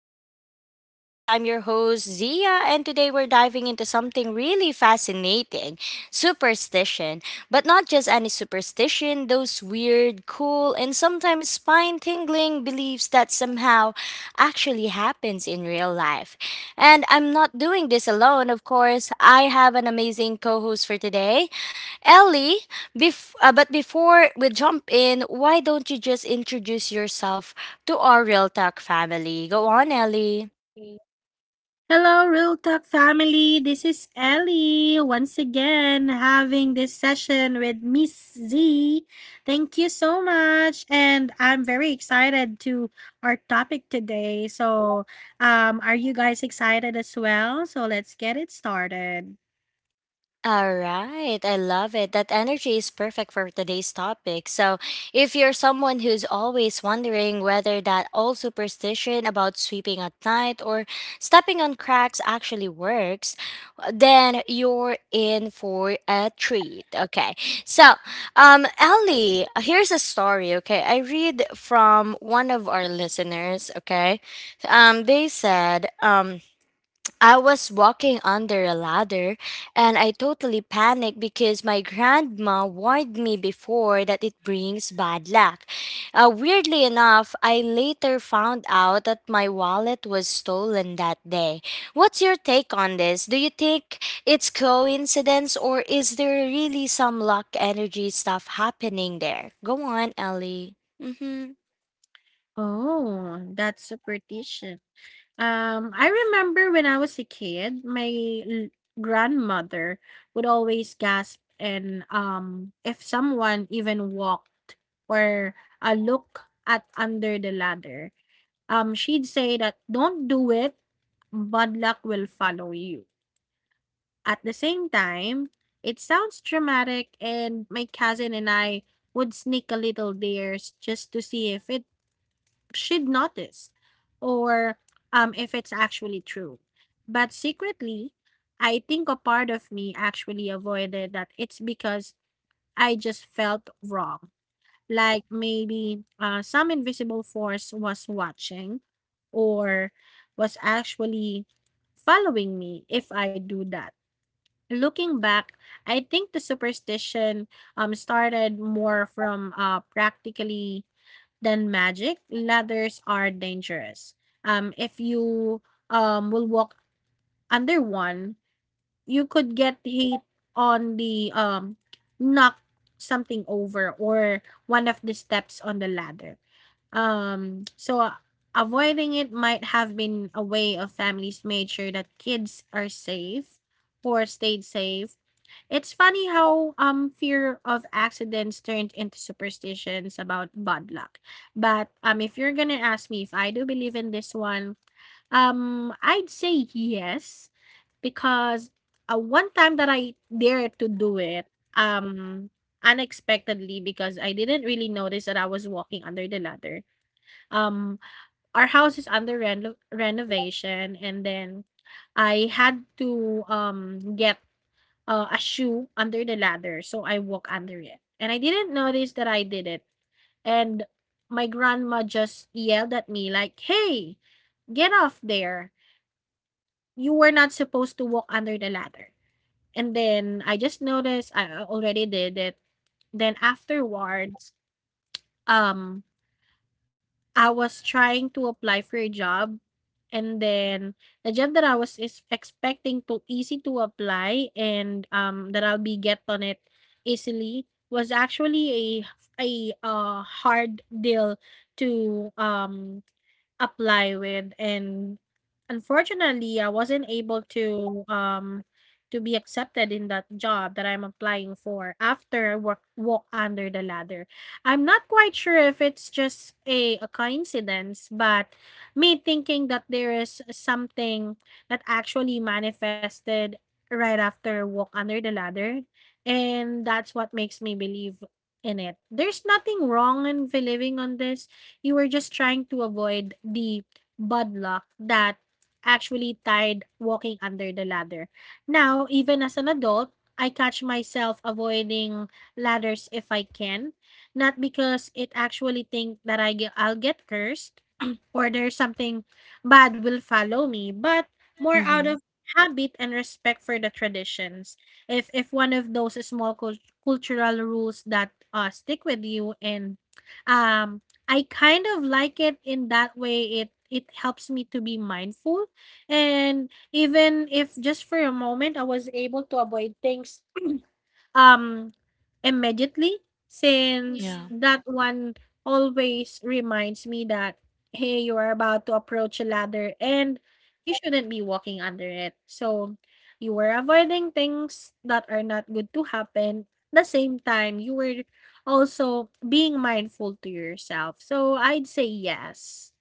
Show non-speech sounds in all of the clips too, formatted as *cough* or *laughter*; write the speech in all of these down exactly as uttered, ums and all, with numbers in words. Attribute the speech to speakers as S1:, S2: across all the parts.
S1: of Real Talk Diaries. I'm your host, Zia, and today we're diving into something really fascinating, superstition. But not just any superstition, those weird, cool, and sometimes spine tingling beliefs that somehow actually happens in real life. And I'm not doing this alone, of course. I have an amazing co host for today, Ellie. Bef- uh, but before we jump in, why don't you just introduce yourself to our Real Talk family? Go on, Ellie.
S2: Okay. Hello, Real Talk family. This is Ellie once again having this session with Miss Z. Thank you so much. And I'm very excited to our topic today. So, um, are you guys excited as well? So, let's get it started.
S1: All right, I love it. That energy is perfect for today's topic. So, if you're someone who's always wondering whether that old superstition about sweeping at night or stepping on cracks actually works, then you're in for a treat. Okay. So, um Ellie, here's a story, okay? I read from one of our listeners, okay? Um they said, um I was walking under a ladder and I totally panicked because my grandma warned me before that it brings bad luck. Uh, weirdly enough, I later found out that my wallet was stolen that day. What's your take on this? Do you think it's coincidence or is there really some luck energy stuff happening there? Go on, Ellie. Mm-hmm.
S2: Oh, that's superstition. Um, I remember when I was a kid, my l- grandmother would always gasp and um if someone even walked or uh, look at under the ladder. Um, she'd say that don't do it, bad luck will follow you. At the same time, it sounds dramatic and my cousin and I would sneak a little dares just to see if it she'd notice or um, if it's actually true. But secretly, I think a part of me actually avoided that it's because I just felt wrong. Like maybe uh, some invisible force was watching or was actually following me if I do that. Looking back, I think the superstition um, started more from uh, practically than magic, ladders are dangerous. Um, if you um will walk under one, you could get hit on the um knock something over or one of the steps on the ladder. Um, so uh, Avoiding it might have been a way of families made sure that kids are safe or stayed safe. It's funny how um fear of accidents turned into superstitions about bad luck. But um if you're gonna ask me if I do believe in this one, um I'd say yes because uh, one time that I dared to do it, um unexpectedly because I didn't really notice that I was walking under the ladder. Um our house is under reno- renovation and then I had to um get uh, a shoe under the ladder, so I walk under it. And I didn't notice that I did it. And my grandma just yelled at me like, "Hey, get off there. You were not supposed to walk under the ladder." And then I just noticed I already did it. Then afterwards, um I was trying to apply for a job. And then the job that I was is expecting to easy to apply and um that I'll be get on it easily was actually a a uh hard deal to um apply with, and unfortunately I wasn't able to um to be accepted in that job that I'm applying for after I work walk under the ladder. I'm not quite sure if it's just a, a coincidence, but me thinking that there is something that actually manifested right after I walk under the ladder, and that's what makes me believe in it. There's nothing wrong in believing on this. You were just trying to avoid the bad luck that actually tied walking under the ladder. Now, even as an adult, I catch myself avoiding ladders if I can, not because it actually think that I ge- I'll get cursed, order something bad will follow me, but more out
S1: Mm-hmm.
S2: of habit and respect for the traditions. If if one of those small cul- cultural rules that uh stick with you, and um I kind of like it in that way. It it helps me to be mindful, and even if just for a moment I was able to avoid things um, immediately, since
S1: Yeah.
S2: that one always reminds me that, hey, you are about to approach a ladder and you shouldn't be walking under it. So you were avoiding things that are not good to happen. At the same time, you were also being mindful to yourself. So I'd say yes.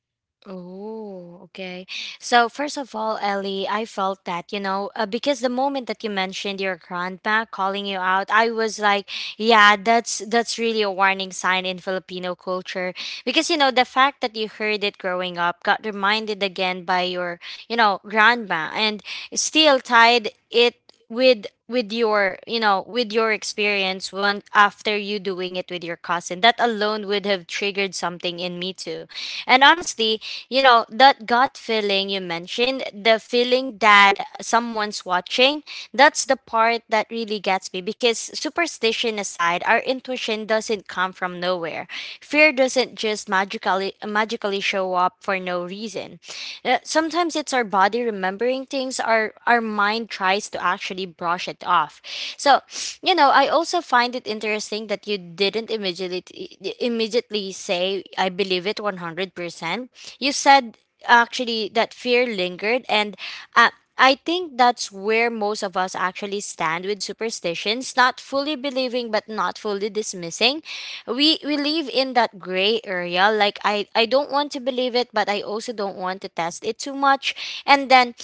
S1: Oh, okay. So first of all, Ellie, I felt that, you know, uh, because the moment that you mentioned your grandma calling you out, I was like, yeah, that's that's really a warning sign in Filipino culture because you know, the fact that you heard it growing up got reminded again by your, you know, grandma and still tied it with with your you know with your experience one after you doing it with your cousin, that alone would have triggered something in me too. And honestly, you know, that gut feeling you mentioned, the feeling that someone's watching, that's the part that really gets me because superstition aside, our intuition doesn't come from nowhere. Fear doesn't just magically magically show up for no reason. Uh, Sometimes it's our body remembering things, our our mind tries to actually brush it off. So, you know, I also also find it interesting that you didn't immediately immediately say I believe it one hundred percent. You said actually that fear lingered, and uh, I think that's where most of us actually stand with superstitions, not fully believing but not fully dismissing. We we live in that gray area, like I I don't want to believe it but I also don't want to test it too much. And then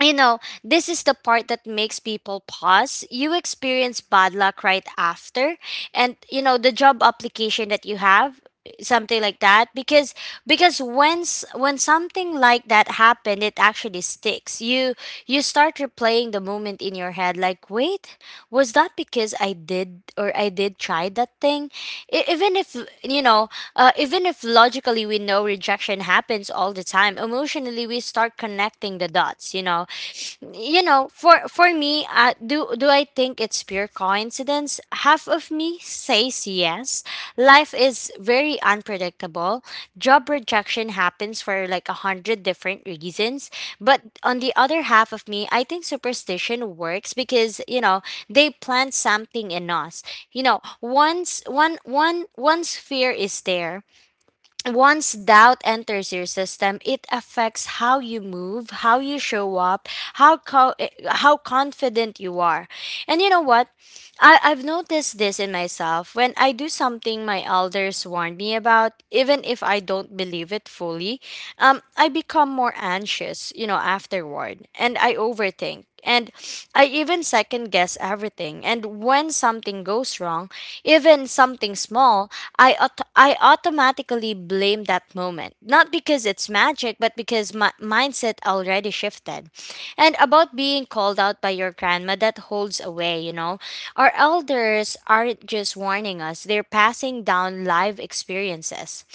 S1: you know, this is the part that makes people pause. You experience bad luck right after, and you know the job application that you have, something like that. Because because once when something like that happened, it actually sticks you. You start replaying the moment in your head, like wait, was that because I did or I did try that thing? E- even if, you know, uh, even if logically we know rejection happens all the time, emotionally we start connecting the dots, you know you know for for me, uh, do do I think it's pure coincidence? Half of me says yes, life is very unpredictable, job rejection happens for like a hundred different reasons, but on the other half of me I think superstition works because you know they plant something in us. You know once one one once fear is there, once doubt enters your system, it affects how you move, how you show up, how co- eh, how confident you are. And you know what? I, I've noticed this in myself. When I do something my elders warn me about, even if I don't believe it fully, um, I become more anxious, you know, afterward, and I overthink. And I even second guess everything. And when something goes wrong, even something small, I aut- I automatically blame that moment. Not because it's magic, but because my mindset already shifted. And about being called out by your grandma, that holds away, you know. Our elders aren't just warning us, they're passing down live experiences,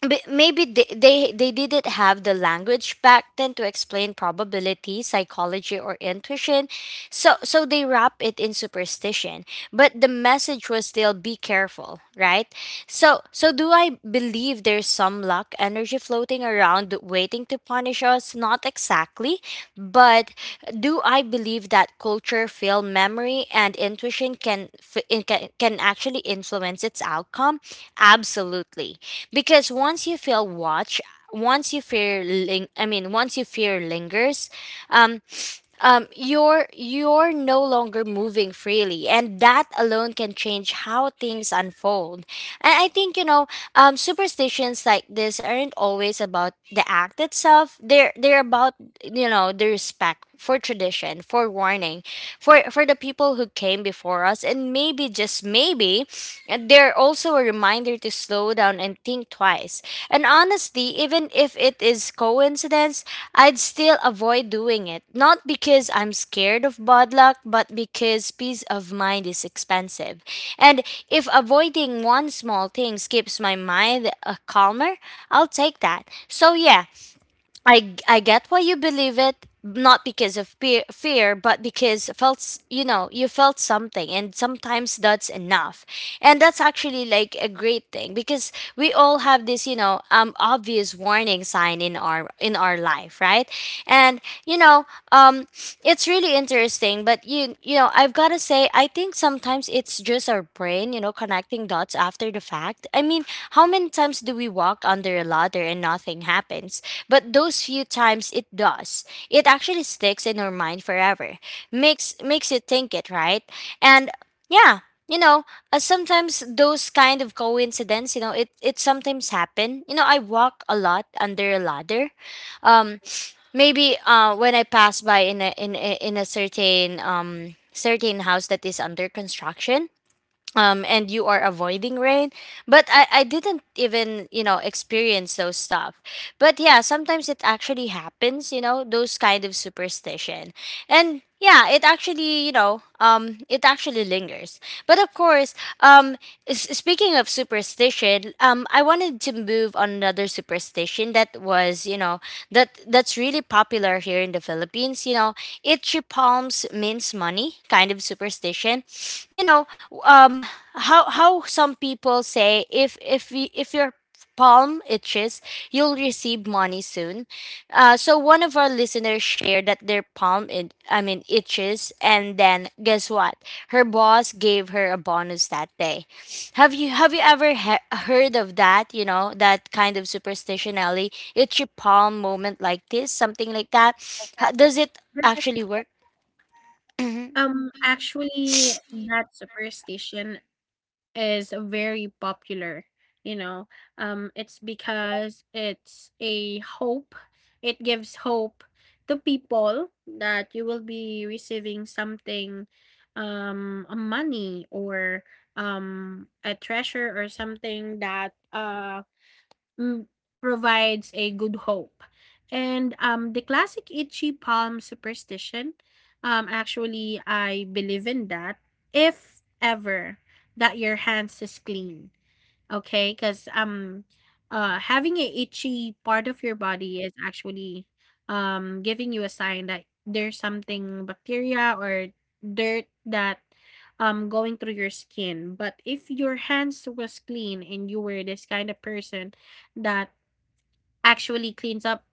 S1: but maybe they, they they didn't have the language back then to explain probability psychology or intuition, so so they wrap it in superstition, but the message was still be careful, right? So so do I believe there's some luck energy floating around waiting something to punish us? Not exactly. But do I believe that culture, film, memory, and intuition can, f- in- can, can actually influence its outcome? Absolutely. Because once you feel watch, once you fear, ling- I mean, once you fear lingers, um, um, you're you're no longer moving freely, and that alone can change how things unfold. And I think you know, um, superstitions like this aren't always about the act itself. They're they're about you know the respect for tradition, for warning, for for the people who came before us, and maybe just maybe, and they're also a reminder to slow down and think twice. And honestly, even if it is coincidence, I'd still avoid doing it. Not because I'm scared of bad luck, but because peace of mind is expensive. And if avoiding one small thing keeps my mind uh, calmer, I'll take that. So yeah, I I get why you believe it, not because of peer, fear, but because felt s- you know you felt something, and sometimes that's enough, and that's actually like a great thing because we all have this you know um obvious warning sign in our in our life, right? And you know um it's it's really interesting, but you you know, I've got to say I think sometimes it's just our brain, you know, connecting dots after the fact. I mean, how many times do we walk under a ladder and nothing happens? But those few times it does. It actually sticks in our mind forever. Makes makes you think it, right? And yeah, you know, uh, sometimes those kind of coincidence, you know, it it sometimes happen. You know, I walk a lot under a ladder. Um, maybe uh when I pass by in a in a, in a certain um certain house that is under construction, um and you are avoiding rain, but I I didn't even you know experience those stuff, but yeah sometimes it actually happens you know those kind of superstition, and yeah it actually you know um it actually lingers. But of course, um s- speaking of superstition, um I wanted to move on another superstition that was you know that that's really really popular here in the Philippines. You know, itchy palms means money, kind of superstition. You know, um, how how some people say if if y- if your palm itches, you'll receive money soon. Uh, so one of our listeners shared that their palm, it, I mean, itches, and then guess what? Her boss gave her a bonus that day. Have you have you ever he- heard of that? You know that kind of superstition, Ellie. It's your palm moment like this, something like that.
S2: Like that.
S1: How, does it actually work? Mm-hmm.
S2: Um, actually, that superstition is very popular, you know. Um it's because it's a hope, it gives hope to people that you will be receiving something, um a money, or um a treasure, or something that uh mm, provides a good hope. And um, The classic itchy palm superstition, um, actually, I believe in that if ever that your hands is clean. Okay, because um, uh, having a itchy part of your body is actually um giving you a sign that there's something bacteria or dirt that um going through your skin. But if your hands was clean and you were this kind of person that actually cleans up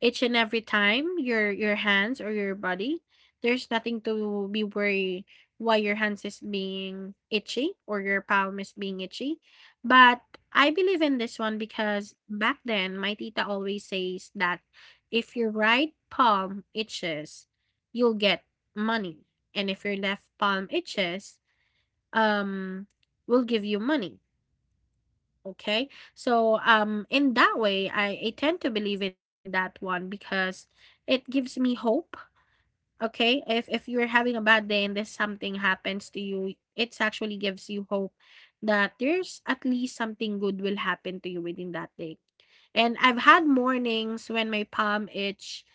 S2: each and every time your your hands or your body, there's nothing to be worried why your hands is being itchy or your palm is being itchy. But I believe in this one because back then my tita always says that if your right palm itches, you'll get money, and if your left palm itches, um will give you money. Okay. So um in that way I, I tend to believe in that one because it gives me hope. Okay. If if you're having a bad day and this something happens to you, it actually gives you hope that there's at least something good will happen to you within that day. And I've had mornings when my palm itch,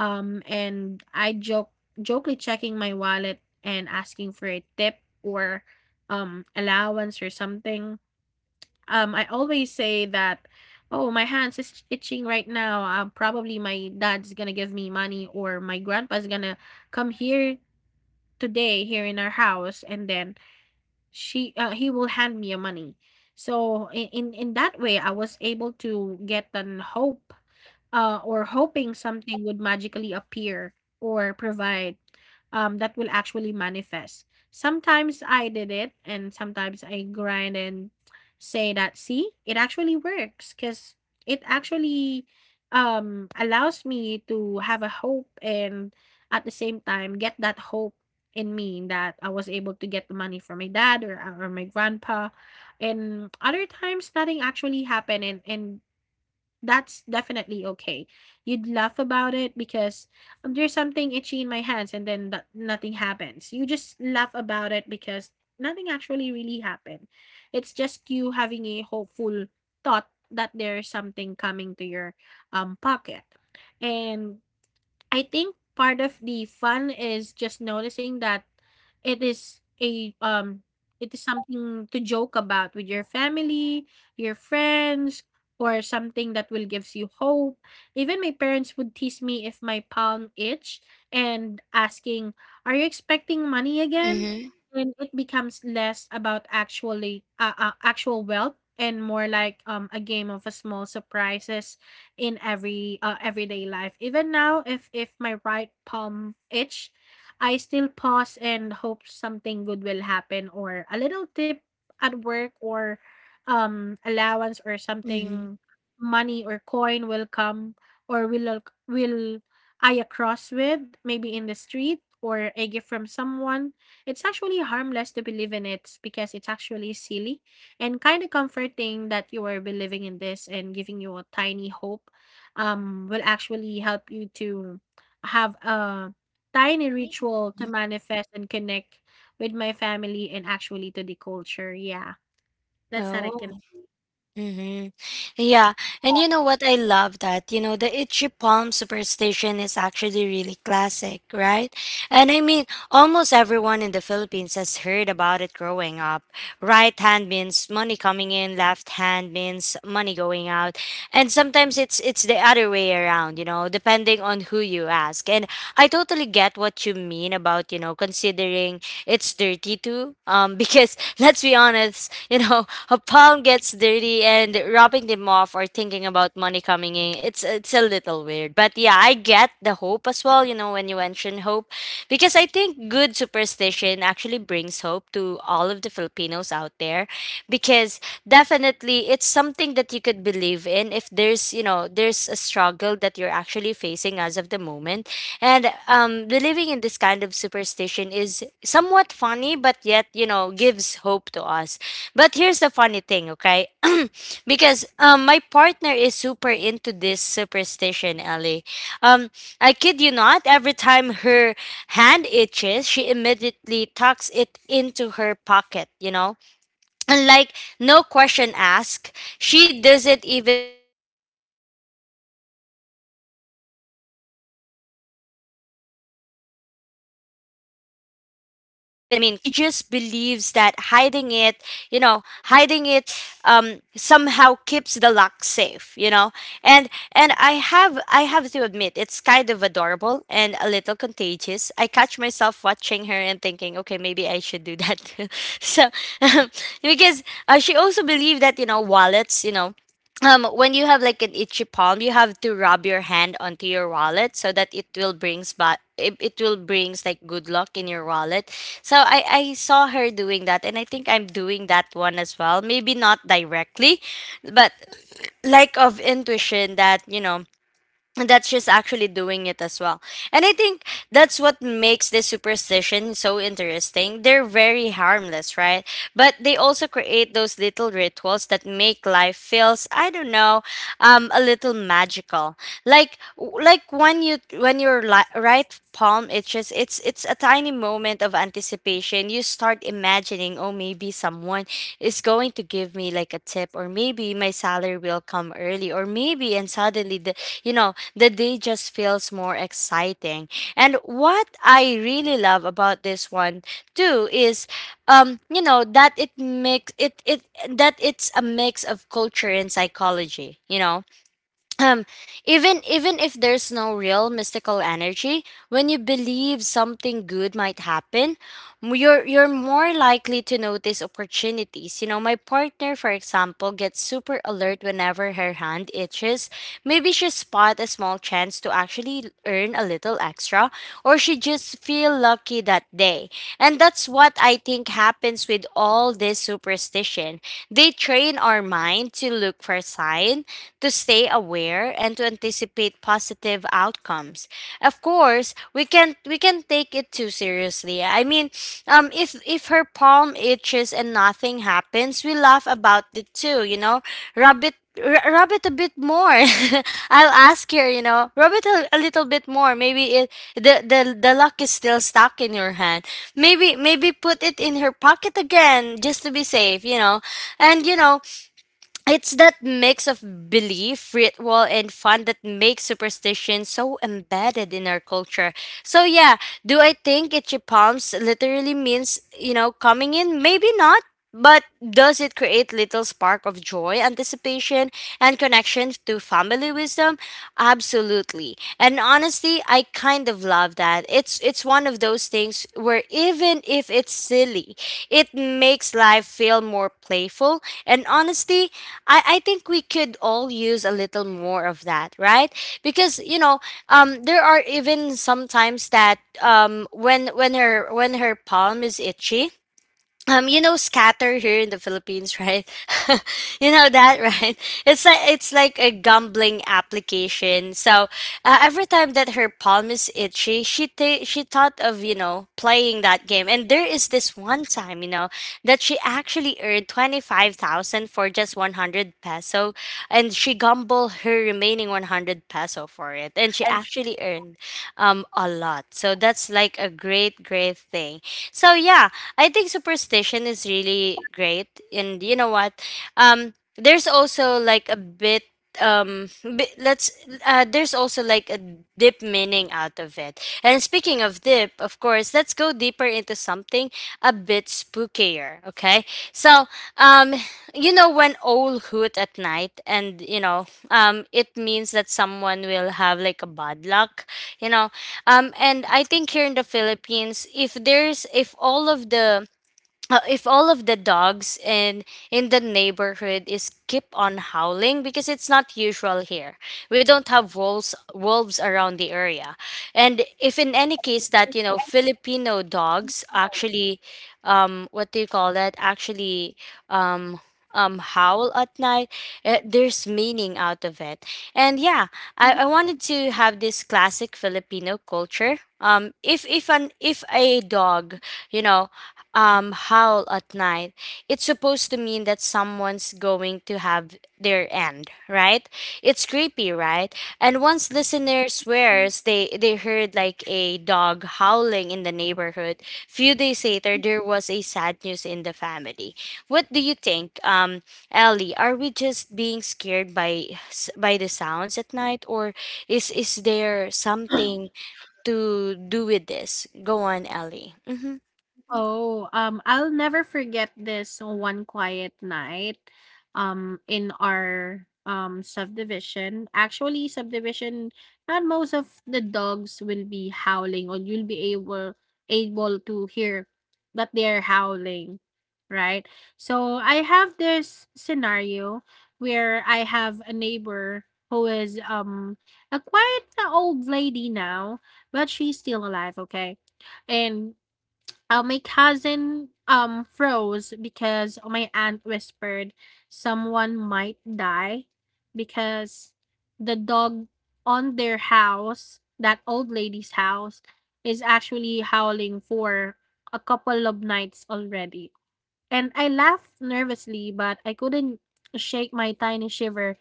S2: um, and I joke jokely checking my wallet and asking for a tip or um allowance or something. um, I always say that, "Oh, my hands is itching right now. Um, probably my dad's gonna give me money, or my grandpa's gonna come here today here in our house, and then she uh, he will hand me a money." So in, in in that way I was able to get an hope, uh, or hoping something would magically appear or provide, um, that will actually manifest. Sometimes I did it and sometimes I grind and say that see it actually works because it actually um, allows me to have a hope, and at the same time get that hope in me that I was able to get the money from my dad, or uh, or my grandpa. And other times nothing actually happened, and and that's definitely okay. You'd laugh about it because there's something itchy in my hands and then that nothing happens. You just laugh about it because nothing actually really happened. It's just you having a hopeful thought that there's something coming to your um pocket. And I think part of the fun is just noticing that it is a um it is something to joke about with your family, your friends, or something that will gives you hope. Even my parents would tease me if my palm itch and asking, "Are you expecting money again?"
S1: Mm-hmm.
S2: And it becomes less about actually uh, uh, actual wealth, and more like um a game of a small surprises in every uh, everyday life. Even now, if if my right palm itch, I still pause and hope something good will happen, or a little tip at work, or um allowance, or
S1: Mm-hmm.
S2: something, money or coin will come, or will ac- will I across with maybe in the street, or a gift from someone. It's actually harmless to believe in it because it's actually silly and kind of comforting that you are believing in this, and giving you a tiny hope um, will actually help you to have a tiny ritual to manifest and connect with my family and actually to the culture. Yeah, that's how I can
S1: Oh.
S2: say.
S1: Mm-hmm. Yeah. And you know what? I love that. You know, the itchy palm superstition is actually really classic, right? And I mean, almost everyone in the Philippines has heard about it growing up. Right hand means money coming in, left hand means money going out, and sometimes it's it's the other way around you know depending on who you ask. And I totally get what you mean about you know considering it's dirty too um *laughs* because let's be honest you know a palm gets dirty and rubbing them off or thinking about money coming in, it's it's a little weird, but yeah I get the hope as well you know when you mention hope because I think good superstition actually brings hope, hope to all of the Filipinos out there, because definitely it's something that you could believe in if there's, you know, there's a struggle that you're actually facing as of the moment. And um, believing in this kind of superstition is somewhat funny, but yet, you know, gives hope to us. But here's the funny thing, okay? *clears throat* Because um, my partner is super into this superstition, Ellie. Um, I kid you not, every time her hand itches, she immediately tucks it into her pocket, you know? And like, no question asked, she doesn't even want to see if the money actually comes on, or I mean, comes or goes. She just believes that hiding it, you know, hiding it, um, somehow keeps the back safe you know and and i have i have to admit it's kind of adorable and a little contagious. I catch myself watching her and thinking, okay, maybe I should do that too. *laughs* So *laughs* because uh, she also believed that, you know wallets, you know um when you have like an itchy palm, you have to rub your hand onto your wallet so that it will brings, but it, it will brings like good luck in your wallet. So i i saw her doing that and I think I'm doing that one as well, maybe not directly, but like of intuition that, you know that's just actually doing it as well. And I think that's what makes this superstition so interesting. They're very harmless, right? But they also create those little rituals that make life feels, I don't know, um, a little magical. Like like when you when you're li- right palm itches, it's it's a tiny moment of anticipation. You start imagining, oh, maybe someone is going to give me like a tip, or maybe my salary will come early, or maybe. And suddenly the, you know the day just feels more exciting. And what I really love about this one too is, um you know that it makes it it that it's a mix of culture and psychology, you know um even even if there's no real mystical energy, when you believe something good might happen, m- you're you're more likely to notice opportunities. You know, my partner, for example, gets super alert whenever her hand itches. Maybe she spot a small chance to actually earn a little extra, or she just feel lucky that day. And that's what I think happens with all this superstition. They train our mind to look for signs, to stay aware, and to anticipate positive outcomes. Of course, we can we can take it too seriously. I mean, um, if if her palm itches and nothing happens, we laugh about it too. You know, rub it. r- Rub it a bit more. *laughs* I'll ask her, you know, rub it a, a little bit more. Maybe it the, the the luck is still stuck in your hand. Maybe maybe put it in her pocket again just to be safe, you know. And you know, it's that mix of belief, ritual, and fun that makes superstition so embedded in our culture. So, yeah, do I think itchy palms literally means, you know, coming in? Maybe not. But does it create little spark of joy, anticipation, and connection to family wisdom? Absolutely. And honestly, I kind of love that. It's it's one of those things where even if it's silly, it makes life feel more playful. And honestly, I, I think we could all use a little more of that, right? Because you know, um, there are even sometimes that, um, when when her when her palm is itchy, um you know scatter here in the Philippines, right? *laughs* You know that, right? It's like it's like a gambling application. So, uh, every time that her palm is itchy, she th- she thought of, you know, playing that game. And there is this one time, you know, that she actually earned twenty-five thousand for just one hundred peso, and she gambled her remaining
S2: And
S1: one hundred peso for it, and she actually earned, um a lot. So that's like a great great thing. So yeah, I think superstition is really great, and you know what? Um, there's also like a bit um bi- let's uh there's also like a deep meaning out of it. And speaking of deep, of course, let's go deeper into something a bit spookier, okay? So um you know, when owl hoot at night, and you know, um it means that someone will have like a bad luck, you know. um and I think here in the Philippines, if there's, if all of the uh, if all of the dogs in in the neighborhood is keep on howling, because it's not usual here. We don't have wolves wolves around the area. And if in any case that, you know, Filipino dogs actually, um what do you call that, actually, um um howl at night, eh, there's meaning out of it. And yeah, I, I wanted to have this classic Filipino culture. um if if an if a dog, you know, um howl at night, it's supposed to mean that someone's going to have their end, right? It's creepy, right? And once listener swears they they heard like a dog howling in the neighborhood. Few days later, there was a sad news in the family. What do you think, um, Ellie? Are we just being scared by s- by the sounds at night, or is is there something to do with this? Go on, Ellie. Mhm.
S2: oh, um, I'll never forget this one quiet night, um, in our um subdivision. Actually, subdivision, not most of the dogs will be howling, or you'll be able able to hear that they're howling, right? So I have this scenario where I have a neighbor who is um a quite old lady now, but she's still alive, okay? And uh, my cousin um froze because my aunt whispered someone might die because the dog on their house, that old lady's house, is actually howling for a couple of nights already. And I laughed nervously, but I couldn't shake my tiny shiver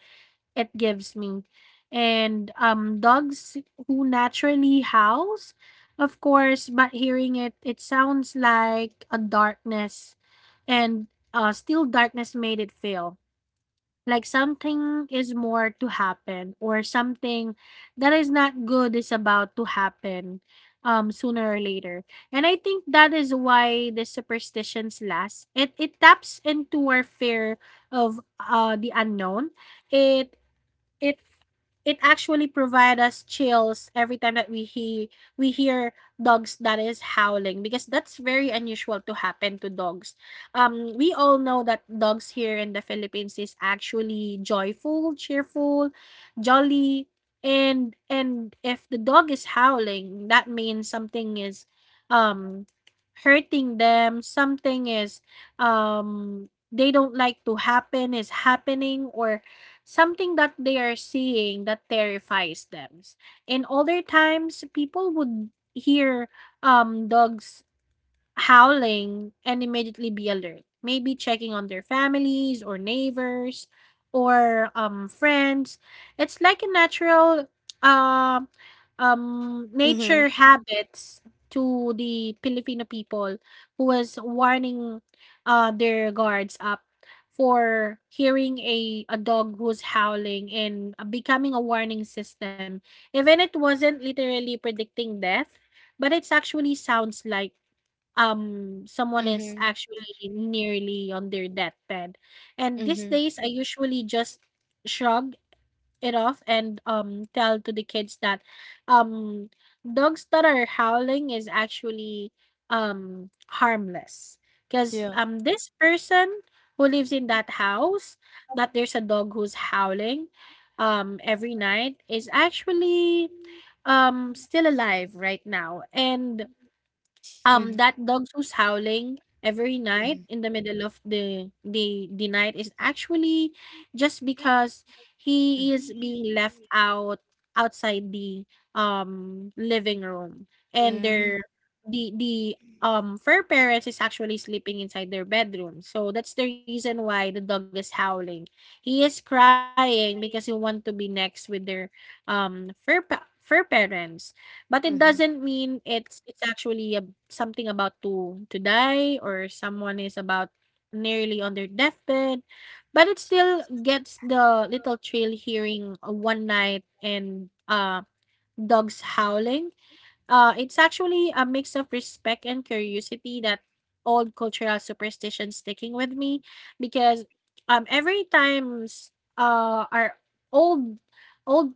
S2: it gives me. And um dogs who naturally howls, of course, but hearing it it sounds like a darkness, and uh still darkness made it feel like something is more to happen, or something that is not good is about to happen um sooner or later. And I think that is why the superstitions last. it it taps into our fear of uh the unknown. It it it actually provide us chills every time that we he we hear dogs that is howling because that's very unusual to happen to dogs. Um, we all know that dogs here in the Philippines is actually joyful, cheerful, jolly, and and if the dog is howling, that means something is um hurting them. Something is um they don't like to happen is happening, or something that they are seeing that terrifies them. In older times, people would hear um dogs howling and immediately be alert, maybe checking on their families or neighbors, or um, friends. It's like a natural uh, um, nature
S1: Mhm.
S2: habits to the Filipino people who was warning uh, their guards up for hearing a, a dog who's howling and becoming a warning system. Even it wasn't literally predicting death, but it actually sounds like um someone is
S1: Mhm.
S2: actually nearly on their deathbed. And these
S1: Mhm.
S2: days I usually just shrug it off and um tell to the kids that um dogs that are howling is actually um harmless, because
S1: Yeah.
S2: um this person who lives in that house that there's a dog who's howling um every night is actually um still alive right now, and um,
S1: Mhm.
S2: that dog who's howling every night
S1: Mhm.
S2: in the middle of the the the night is actually just because he is
S1: Mhm.
S2: being left out outside the um living room, and
S1: Mhm.
S2: their the the um fur parents is actually sleeping inside their bedroom. So that's the reason why the dog is howling. He is crying because he want to be next with their um fur pa- fur parents. But it
S1: Mhm.
S2: doesn't mean it's it's actually a something about to to die, or someone is about nearly on their deathbed, but it still gets the little thrill hearing a one night and, uh, dogs howling. Uh, it's actually a mix of respect and curiosity that old cultural superstition sticking with me because, um, every times, uh, our old old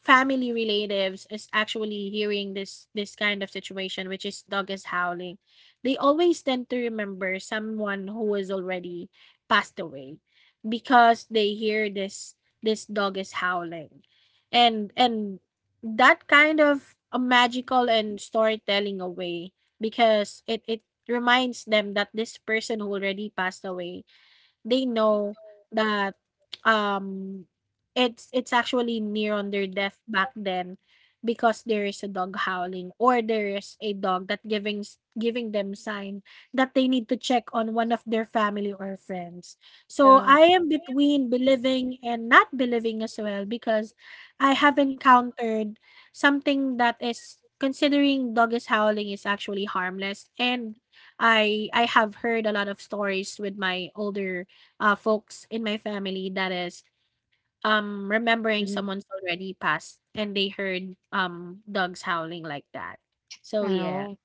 S2: family relatives is actually hearing this this kind of situation, which is dog is howling. They always tend to remember someone who is already passed away because they hear this this dog is howling, and and that kind of a magical and storytelling away, because it it reminds them that this person who already passed away, they know that um it's it's actually near on their death back then, because there is a dog howling, or there is a dog that giving s- giving them sign that they need to check on one of their family or friends. So I am between believing and not believing as well, because I have encountered something that is considering dog is howling is actually harmless, and I I have heard a lot of stories with my older uh, folks in my family that is um remembering someone's already passed, and they heard um dogs howling like that. So yeah.
S1: Oh.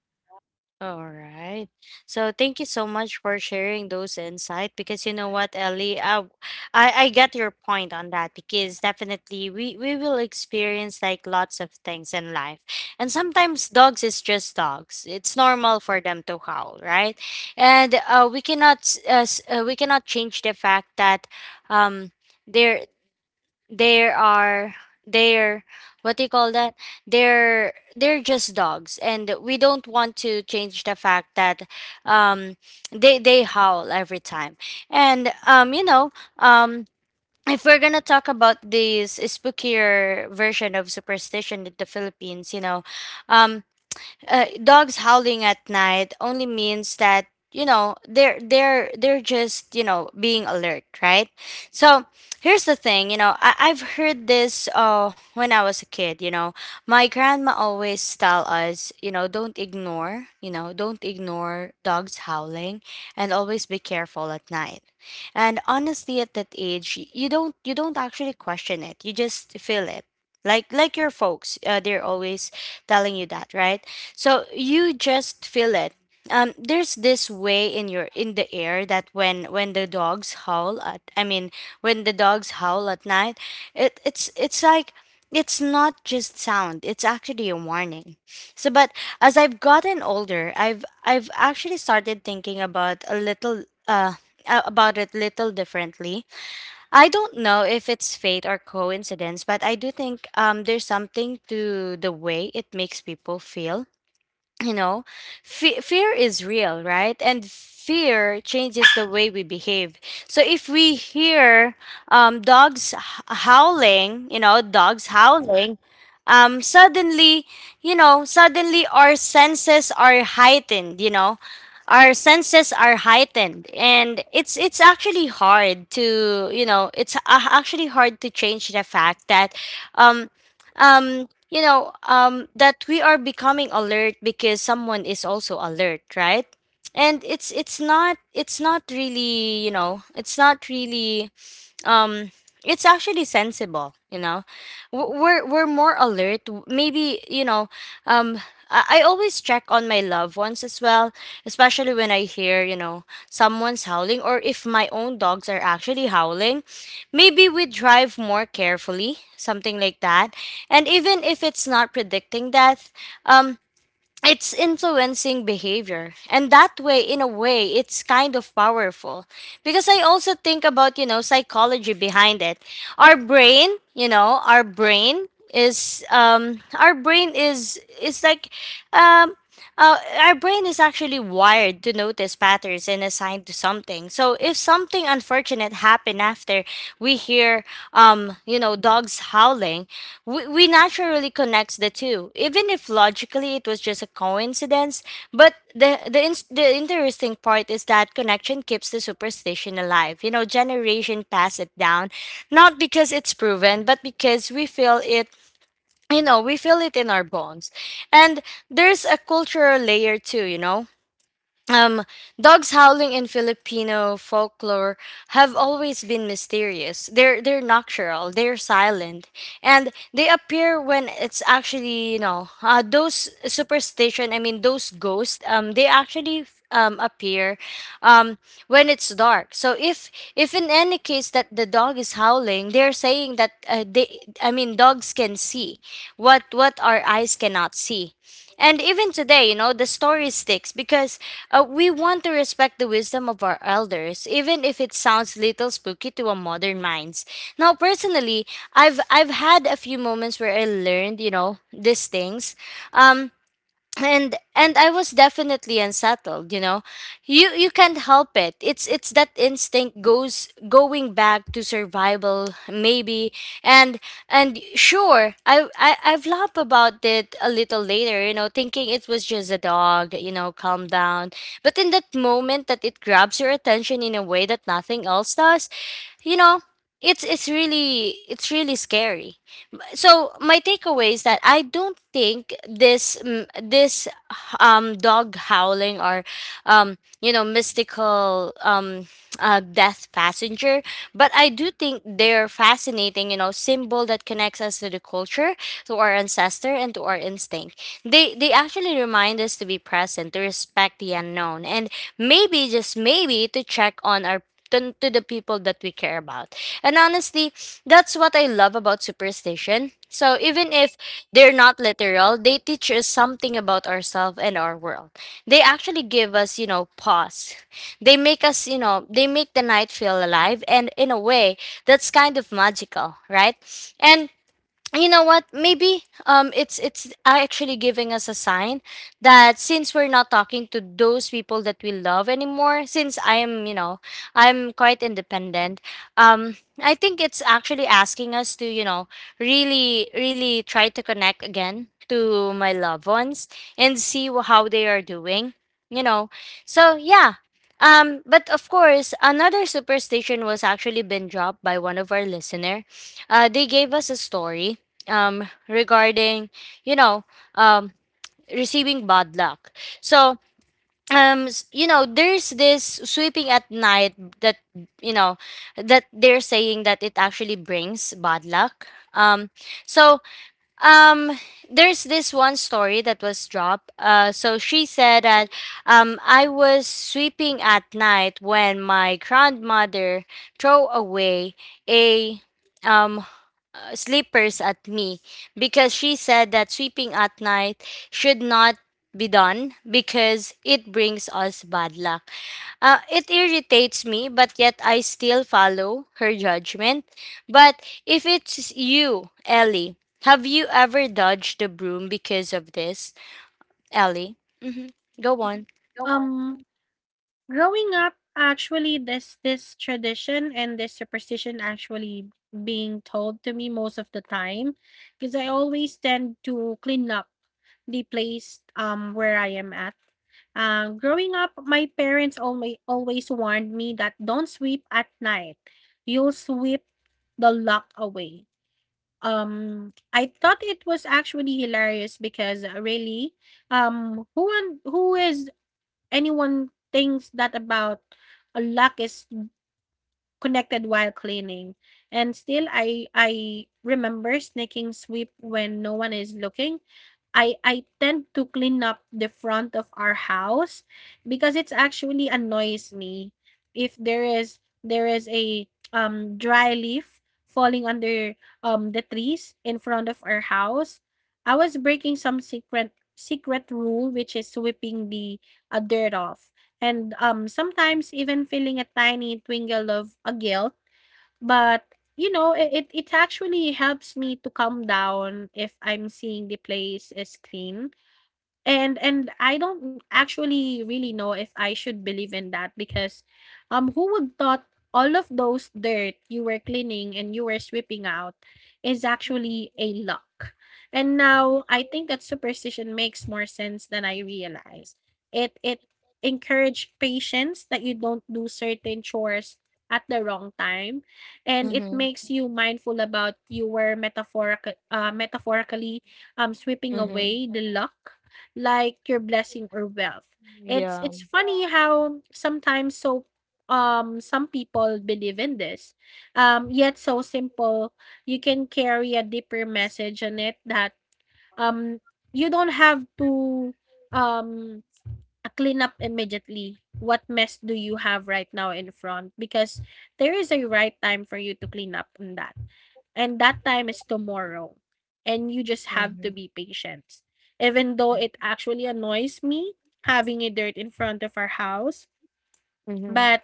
S1: All right. So thank you so much for sharing those insight, because you know what, Ellie, uh, I I get your point on that, because definitely we we will experience like lots of things in life. And sometimes dogs is just dogs. It's normal for them to howl, right? And uh, we cannot s- uh, s- uh, we cannot change the fact that, um they're there are they're what do you call that, they're they're just dogs. And we don't want to change the fact that, um they they howl every time. And um you know, um if we're gonna talk about this spookier version of superstition in the Philippines, you know, um uh, dogs howling at night only means that, you know, they're they're they're just, you know, being alert, right? So here's the thing. You know, I, i've heard this, uh, when I was a kid, you know, my grandma always tell us, you know, don't ignore, you know, don't ignore dogs howling, and always be careful at night. And honestly, at that age, y- you don't, you don't actually question it. You just feel it. Like like your folks, uh, they're always telling you that, right? So you just feel it. Um, there's this way in your in the air that when when the dogs howl at, I mean when the dogs howl at night, it it's it's like, it's not just sound. It's actually a warning. So, but as I've gotten older, I've I've actually started thinking about a little uh a- about it little differently. I don't know if it's fate or coincidence, but I do think um there's something to the way it makes people feel. You know, fe- fear is real, right? And fear changes the way we behave. So if we hear, um, dogs h- howling, you know, dogs howling, um, suddenly, you know, suddenly our senses are heightened, you know. Our senses are heightened, and it's it's actually hard to, you know, it's a- actually hard to change the fact that, um um you know, um that we are becoming alert because someone is also alert, right? And it's it's not, it's not really, you know, it's not really, um it's actually sensible, you know. W- we're we're more alert. W- maybe, you know, um I I always check on my loved ones as well, especially when I hear, you know, someone's howling or if my own dogs are actually howling. Maybe we drive more carefully, something like that. And even if it's not predicting death, um, it's influencing behavior, and that way, in a way, it's kind of powerful. Because I also think about, you know, psychology behind it. Our brain, you know, our brain is um our brain is is like um uh, our brain is actually wired to notice patterns and assign to something. So if something unfortunate happened after we hear, um, you know, dogs howling, we, we naturally connects the two, even if logically it was just a coincidence. But the the ins- the interesting part is that connection keeps the superstition alive. You know, generation pass it down, not because it's proven, but because we feel it. You know, we feel it in our bones. And there's a cultural layer too. You know, um, dogs howling in Filipino folklore have always been mysterious. They're they're nocturnal, they're silent, and they appear when it's actually, you know, uh, those superstition. I mean, those ghosts. Um, they actually um appear um when it's dark. So if if in any case that the dog is howling, they're saying that, uh, they I mean, dogs can see what what our eyes cannot see. And even today, you know, the story sticks because, uh, we want to respect the wisdom of our elders, even if it sounds little spooky to our modern minds. Now, personally, I've I've had a few moments where I learned, you know, these things. Um, and and I was definitely unsettled. You know you you can't help it, it's it's that instinct goes going back to survival maybe. And and sure i, I i've laughed about it a little later, you know, thinking it was just a dog. You know, calm down. But in that moment, that it grabs your attention in a way that nothing else does, you know. It's it's really it's really scary. So my takeaway is that I don't think this mm, this um dog howling or um you know mystical, um uh, death passenger, but I do think they're fascinating. You know, symbol that connects us to the culture, to our ancestor, and to our instinct. They they actually remind us to be present, to respect the unknown, and maybe, just maybe, to check on our to, to the people that we care about. And honestly, that's what I love about superstition. So even if they're not literal, they teach us something about ourselves and our world. They actually give us, you know, pause. They make us, you know, they make the night feel alive, and in a way that's kind of magical, right? And you know what, maybe um it's it's actually giving us a sign that since we're not talking to those people that we love anymore, since I am, you know, I'm quite independent. um I think it's actually asking us to, you know, really really try to connect again to my loved ones and see wh- how they are doing, you know. So yeah, um but of course another superstition was actually been dropped by one of our listener. Uh, they gave us a story um, regarding, you know, um, receiving bad luck. So, um, s- you know, there's this sweeping at night that, you know, that they're saying that it actually brings bad luck. Um, so Um, there's this one story that was dropped. Uh, so she said that um, I was sweeping at night when my grandmother threw away a um uh, slippers at me because she said that sweeping at night should not be done because it brings us bad luck. Uh, it irritates me, but yet I still follow her judgment. But if it's you, Ellie, have you ever dodged the broom because of this, Ellie? Hmm. Go on.
S2: Oh. Um Growing up, actually, this this tradition and this superstition actually being told to me most of the time, because I always tend to clean up the place um where I am at. Um, growing up, my parents always always warned me that don't sweep at night. You'll sweep the luck away. Um, I thought it was actually hilarious because uh, really, um, who and who is anyone thinks that about a lock is connected while cleaning. And still I I remember sneaking sweep when no one is looking. I I tend to clean up the front of our house because it's actually annoys me if there is there is a um dry leaf falling under um the trees in front of our house. I was breaking some secret secret rule, which is sweeping the uh, dirt off, and um sometimes even feeling a tiny twinkle of a guilt. But, you know, I it it actually helps me to calm down if I'm seeing the place is clean. And and I don't actually really know if I should believe in that, because um who would thought all of those dirt you were cleaning and you were sweeping out is actually a luck. And now I think that superstition makes more sense than I realized. It it encourage patience that you don't do certain chores at the wrong time, and it makes you mindful about you were metaphorical uh, metaphorically um sweeping away the luck, like your blessing or wealth. It's it's funny how sometimes so um some people believe in this. Um yet so simple, you can carry a deeper message on it, that um you don't have to um clean up immediately what mess do you have right now in front, because there is a right time for you to clean up on that, and that time is tomorrow, and you just have to be patient, even though it actually annoys me having a dirt in front of our house.
S1: Mm-hmm.
S2: But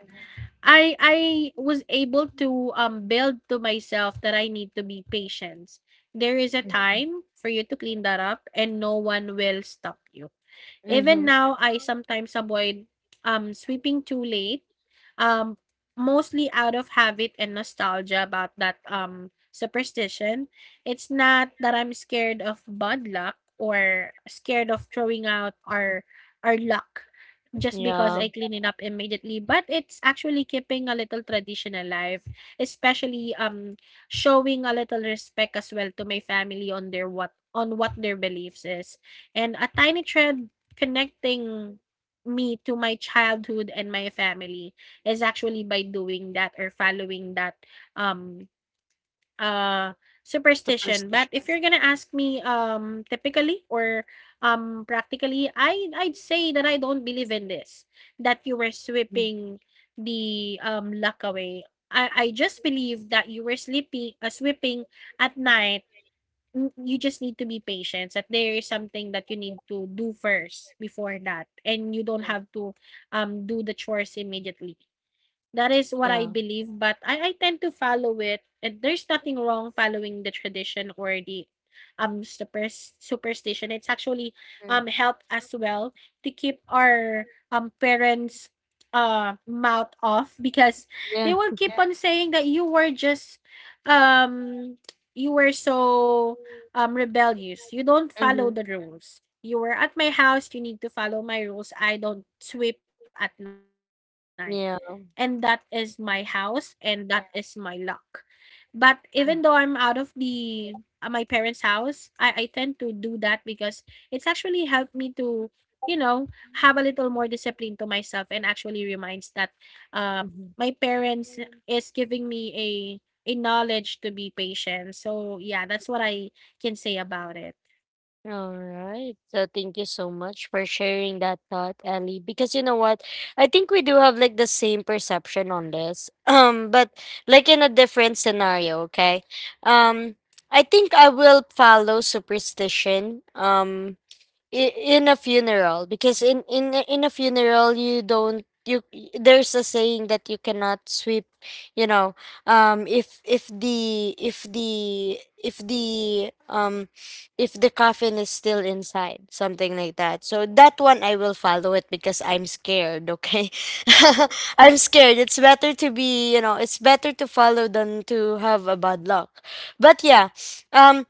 S2: i i was able to um build to myself that I need to be patient. There is a time for you to clean that up and no one will stop you. Even now, I sometimes avoid um sweeping too late, um, mostly out of habit and nostalgia about that um superstition. It's not that I'm scared of bad luck or scared of throwing out our our luck just because I clean it up immediately, but it's actually keeping a little tradition alive, especially um showing a little respect as well to my family on their what on what their beliefs is. And a tiny thread connecting me to my childhood and my family is actually by doing that, or following that um uh superstition. But if you're gonna ask me um typically or um practically, i i'd say that I don't believe in this, that you were sweeping the um luck away. I i just believe that you were sleeping uh, sweeping at night. Mm, you just need to be patient that there is something that you need to do first before that, and you don't have to um do the chores immediately. That is what I believe, but I I tend to follow it, and there's nothing wrong following the tradition or the um super superstition. It's actually um helped as well to keep our um parents uh mouth off, because they will keep on saying that you were just um you were so um rebellious. You don't follow the rules. You were at my house, you need to follow my rules. I don't sweep at night, and that is my house and that is my luck. But even though I'm out of the uh, my parents' house, I I tend to do that because it's actually helped me to, you know, have a little more discipline to myself, and actually reminds that uh, my parents is giving me a a knowledge to be patient. So yeah, that's what I can say about it.
S1: All right. So thank you so much for sharing that thought, Ellie. Because you know what? I think we do have like the same perception on this. *clears throat* Um, but like in a different scenario, okay? Um, I think I will follow superstition. Um, i- in a funeral, because in in a- in a funeral you don't you y- there's a saying that you cannot sweep, you know. Um if if the if the if the um if the coffin is still inside, something like that. So that one I will follow, it because I'm scared, okay. *laughs* I'm scared. It's better to be, you know, it's better to follow than to have a bad luck. But yeah, um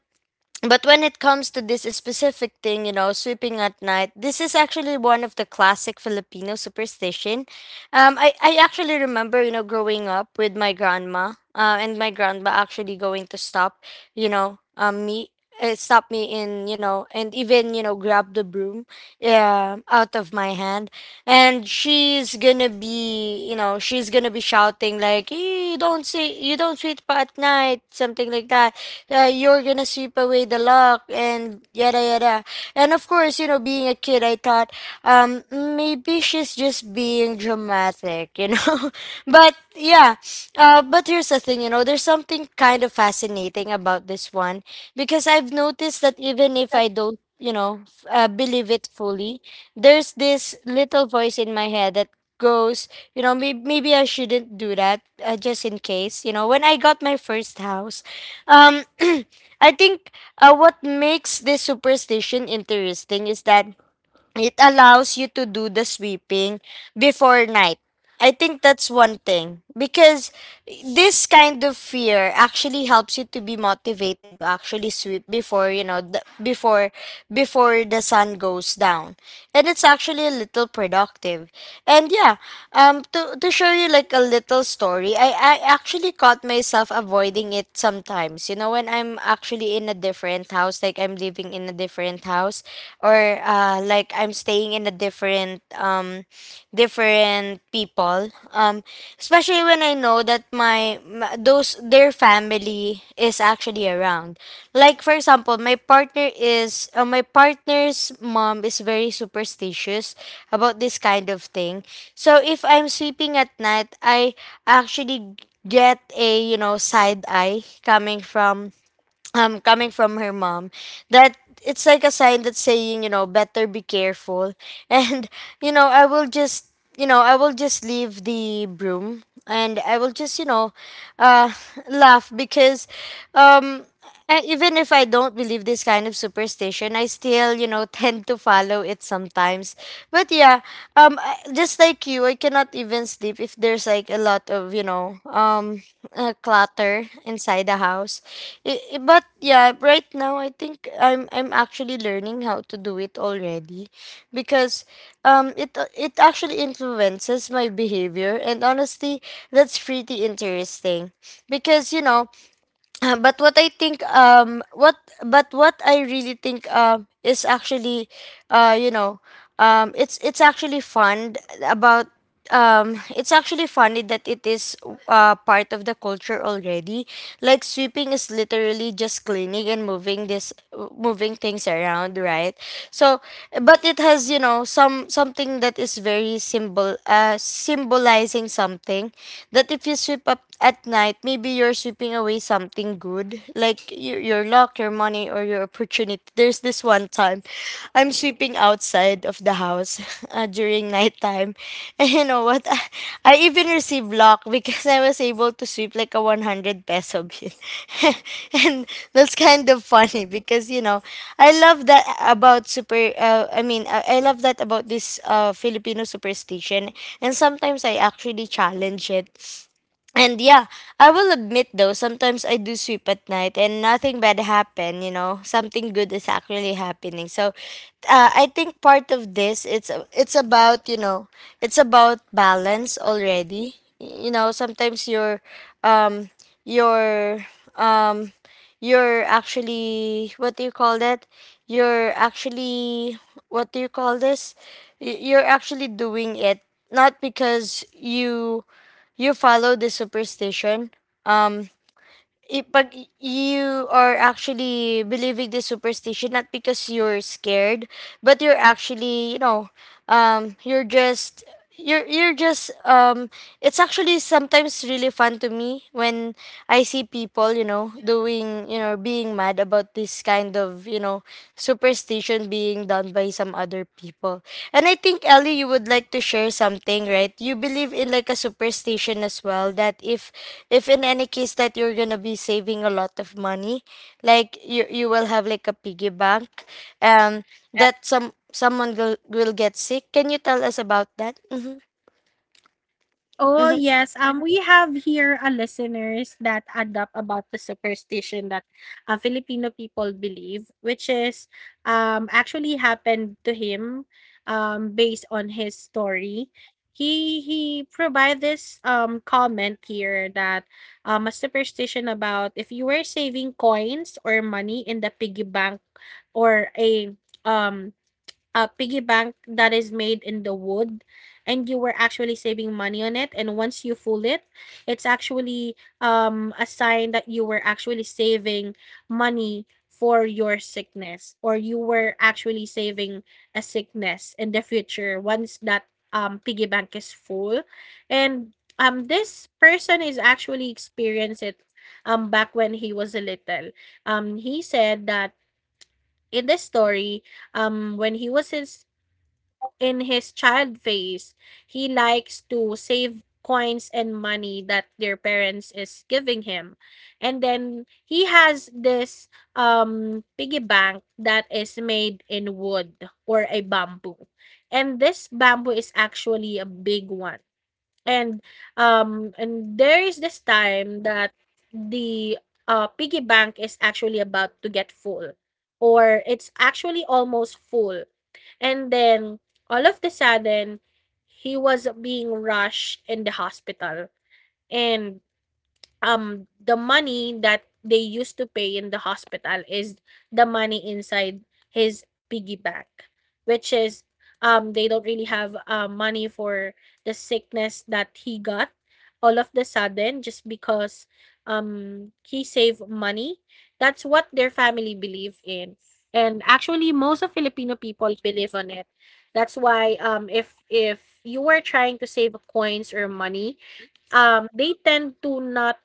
S1: but when it comes to this specific thing, you know, sweeping at night, this is actually one of the classic Filipino superstition. Um, I, I actually remember, you know, growing up with my grandma, uh, and my grandma actually going to stop, you know, um, me, uh, stop me in, you know, and even, you know, grab the broom, yeah, out of my hand, and she's gonna be, you know, she's gonna be shouting like, "Eh, you don't see, you don't sweep at night," something like that. Uh, you're gonna sweep away the luck and yada yada. And of course, you know, being a kid, I thought, um, maybe she's just being dramatic, you know. *laughs* But yeah, uh, but here's the thing, you know, there's something kind of fascinating about this one, because I've noticed that even if I don't, you know, f- uh, believe it fully, there's this little voice in my head that goes, you know, maybe, maybe I shouldn't do that, uh, just in case. You know, when I got my first house, um, *clears throat* I think uh, what makes this superstition interesting is that it allows you to do the sweeping before night. I think that's one thing, because this kind of fear actually helps you to be motivated to actually sweep before, you know, the, before before the sun goes down. And it's actually a little productive. And yeah, um to to show you like a little story, I I actually caught myself avoiding it sometimes. You know, when I'm actually in a different house, like I'm living in a different house, or uh, like I'm staying in a different um different people, um especially when I know that my, my those their family is actually around. Like for example my partner is uh, my partner's mom is very superstitious about this kind of thing. So if I'm sleeping at night, I actually get a, you know, side eye coming from um coming from her mom, that it's like a sign that's saying, you know, better be careful. *laughs* And you know, I will just, you know, I will just leave the broom and I will just, you know, uh *laughs* laugh, because um I- even if I don't believe this kind of superstition, I still, you know, *laughs* tend to follow it sometimes. But yeah, um I- just like you, I cannot even sleep if there's like a lot of, you know, um uh, clutter inside the house. I- i- but yeah, right now I think I'm I'm actually learning how to do it already, because um it it actually influences my behavior, and honestly that's pretty interesting. Because you know, uh, but what I think, um what but what I really think um is actually, uh you know, um it's it's actually fun about, um it's actually funny that it is, uh part of the culture already. Like sweeping is literally just cleaning and moving this moving things around, right? So but it has, you know, some something that is very symbol uh symbolizing something, that if you sweep up at night maybe you're sweeping away something good, like your, your luck, your money, or your opportunity. There's this one time I'm sweeping outside of the house *laughs* uh, during nighttime. *laughs* And you know what? *laughs* I, I even received luck because I was able to sweep like a one hundred peso bill. *laughs* And that's kind of funny because, you know, I love that about super, uh, I mean, I, I love that about this uh, Filipino superstition. And sometimes I actually challenge it. And yeah, I will admit though, sometimes I do sweep at night and nothing bad happen, you know. Something good is actually happening. So uh, I think part of this it's it's about, you know, it's about balance already. You know, sometimes you're um you're um you're actually, what do you call that? You're actually, what do you call this? Y- You're actually doing it not because you you follow the superstition, um, ipag, you are actually believing the superstition not because you're scared, but you're actually, you know, um you're just you're you're just um, it's actually sometimes really fun to me when I see people, you know, doing, you know, being mad about this kind of, you know, superstition being done by some other people. And I think, Ellie, you would like to share something, right? You believe in like a superstition as well that if if in any case that you're going to be saving a lot of money, like you you will have like a piggy bank. Um, that some someone will will get sick. Can you tell us about that? Mm-hmm.
S2: Oh,
S1: Mm-hmm.
S2: yes. Um, we have here a listeners that adopt about the superstition that uh, Filipino people believe, which is um actually happened to him um based on his story. He he provide this um comment here that um a superstition about if you were saving coins or money in the piggy bank, or a um a piggy bank that is made in the wood, and you were actually saving money on it, and once you full it, it's actually um a sign that you were actually saving money for your sickness, or you were actually saving a sickness in the future once that um piggy bank is full. And um this person is actually experienced it um back when he was a little. Um he said that in the story, um when he was in in his child phase, he likes to save coins and money that their parents is giving him. And then he has this um piggy bank that is made in wood or a bamboo. And this bamboo is actually a big one. And um and there is this time that the uh piggy bank is actually about to get full, or it's actually almost full. And then all of the sudden he was being rushed in the hospital, and um the money that they used to pay in the hospital is the money inside his piggy bank, which is um they don't really have uh, money for the sickness that he got all of the sudden, just because um he saved money. That's what their family believe in, and actually most of Filipino people believe on it. That's why um if if you were trying to save coins or money, um they tend to not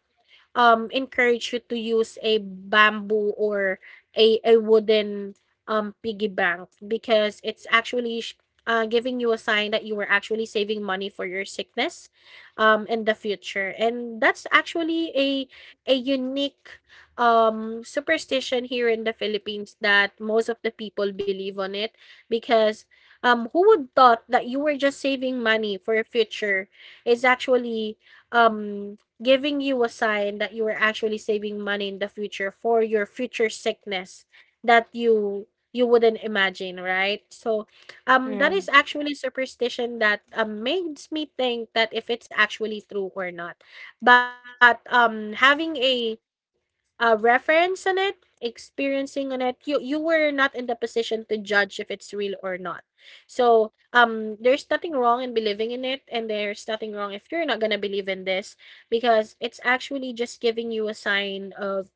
S2: um, encourage you to use a bamboo or a, a wooden um, piggy bank, because it's actually sh- uh, giving you a sign that you were actually saving money for your sickness um, in the future. And that's actually a, a unique um, superstition here in the Philippines that most of the people believe on it because um, who would thought that you were just saving money for your future is actually um giving you a sign that you are actually saving money in the future for your future sickness that you you wouldn't imagine, right? So um that is actually superstition that um, makes me think that if it's actually true or not. But um having a a reference on it, experiencing on it, you you were not in the position to judge if it's real or not. So um there's nothing wrong in believing in it, and there's nothing wrong if you're not gonna believe in this because it's actually just giving you a sign of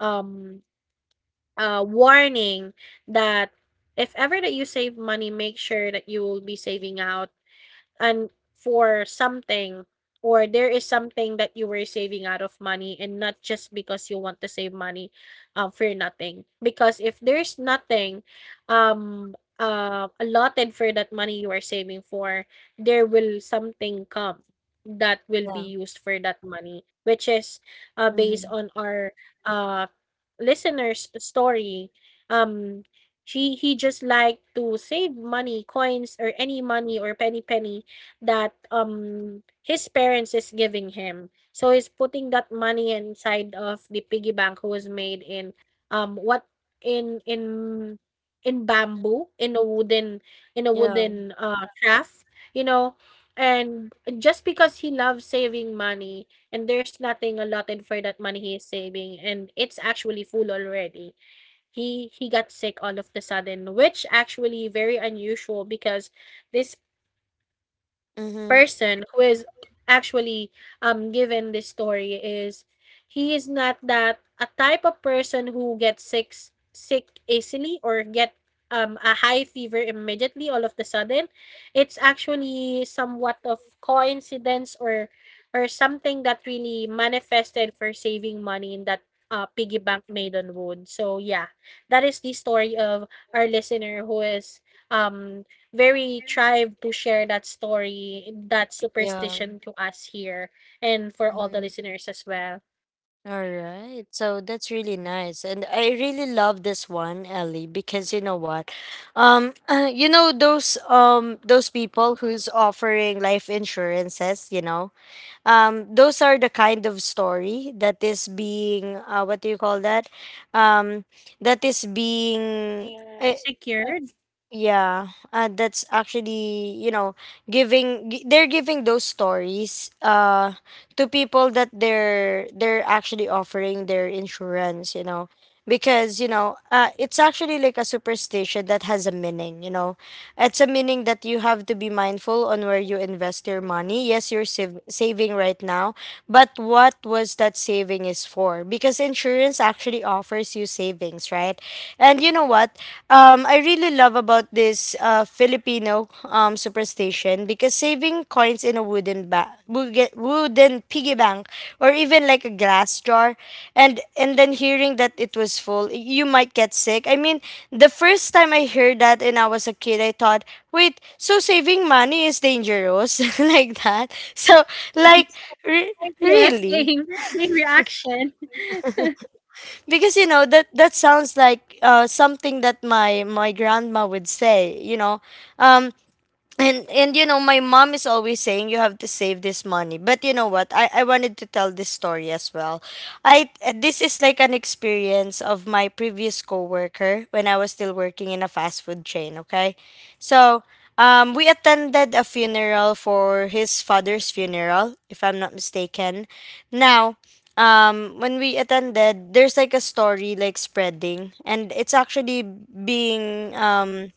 S2: um uh warning that if ever that you save money, make sure that you will be saving out and for something, or there is something that you were saving out of money and not just because you want to save money, um, for nothing. Because if there's nothing um uh allotted for that money you are saving for, there will something come that will be used for that money, which is uh based on our uh listeners story. um she, he just liked to save money, coins or any money or penny penny that um his parents is giving him. So he's putting that money inside of the piggy bank who was made in um what in in in bamboo, in a wooden, in a wooden uh craft, you know. And just because he loves saving money and there's nothing allotted for that money he is saving and it's actually full already, he he got sick all of the sudden, which actually very unusual because this
S1: Mm-hmm.
S2: person who is actually um given this story is he is not that a type of person who gets sick sick easily or get um a high fever immediately all of the sudden. It's actually somewhat of coincidence, or or something that really manifested for saving money in that uh, piggy bank made on wood. So yeah, that is the story of our listener who is um very thrived to share that story, that
S1: Yeah.
S2: superstition to us here and for all the
S1: Mhm.
S2: listeners as well.
S1: All right. So that's really nice. And I really love this one, Ellie, because you know what? Um, *clears throat* you know those um those people who's offering life insurances, you know? Um, those are the kind of story that is being uh, what do you call that? Um, that is being
S2: Yeah.
S1: eh,
S2: Secured?
S1: yeah, uh, that's actually, you know, giving gi- they're giving those stories uh to people that they're they're actually offering their insurance, you know, because you know uh, it's actually like a superstition that has a meaning, you know, it's a meaning that you have to be mindful on where you invest your money. Yes, you're sav- saving right now, but what was that saving is for? Because insurance actually offers you savings, right? And you know what? Um, I really love about this uh, Filipino um, superstition because saving coins in a wooden ba- wooden wooden piggy bank, or even like a glass jar, and and then hearing that it was full, you might get sick. I mean, the first time I heard that when I was a kid, I thought, wait, so saving money is dangerous *laughs* like that. So
S2: That's
S1: like, re-
S2: *laughs* Yes,
S1: really,
S2: same, same reaction. *laughs*
S1: because you know that that sounds like uh, something that my my grandma would say, you know um, and and you know, my mom is always saying you have to save this money. But you know what, i i wanted to tell this story as well. I This is like an experience of my previous coworker when I was still working in a fast food chain, okay. So um we attended a funeral, for his father's funeral, if I'm not mistaken. Now um When we attended, there's like a story like spreading, and it's actually being um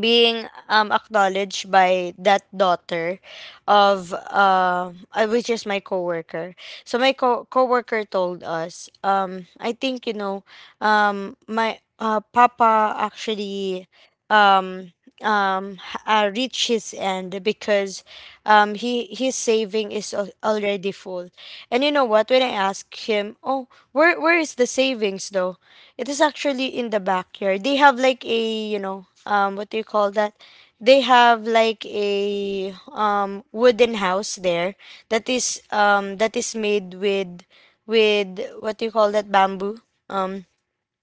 S1: being um acknowledged by that daughter, of uh, uh, which is my coworker. So my co- coworker told us, um I think, you know, um my uh, papa actually um um h- uh, reach his end because um he, his saving is al- already full. And you know what, when I asked him, oh, where where is the savings though? It is actually in the backyard. They have like a, you know, um, what do you call that? They have like a um wooden house there, that is um that is made with with what do you call that, bamboo? Um,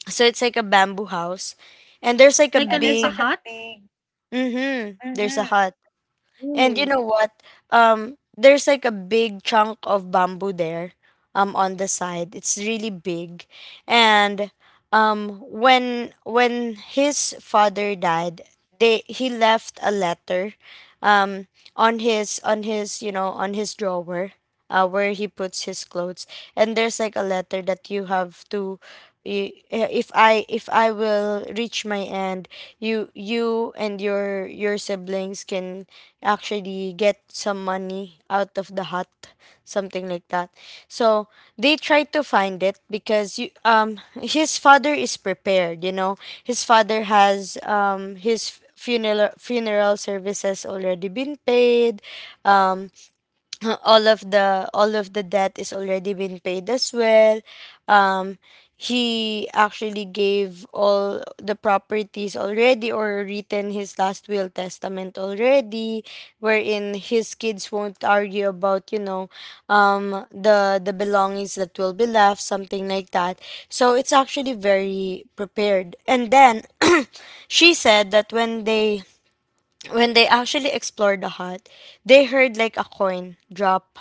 S1: so it's like a bamboo house, and there's like a
S2: Like a And there's
S1: big.
S2: like a hut? Thing.
S1: Mm-hmm. There's a
S2: Mhm.
S1: hut. And you
S2: Ooh.
S1: know what? Um, there's like a big chunk of bamboo there, um, on the side. It's really big. And um, when when his father died, they, he left a letter, um, on his, on his you know on his drawer, uh, where he puts his clothes. And there's like a letter that you have to. i- If I, if I will reach my end, you you and your your siblings can actually get some money out of the hut, something like that. So they tried to find it, because you, um, his father is prepared, you know. His father has, um, his funeral funeral services already been paid. Um, *laughs* all of the all of the debt is already been paid as well. um he actually gave all the properties already, or written his last will testament already, wherein his kids won't argue about, you know, um the the belongings that will be left, something like that. So it's actually very prepared. And then *clears throat* she said that when they, when they actually explored the hut, they heard like a coin drop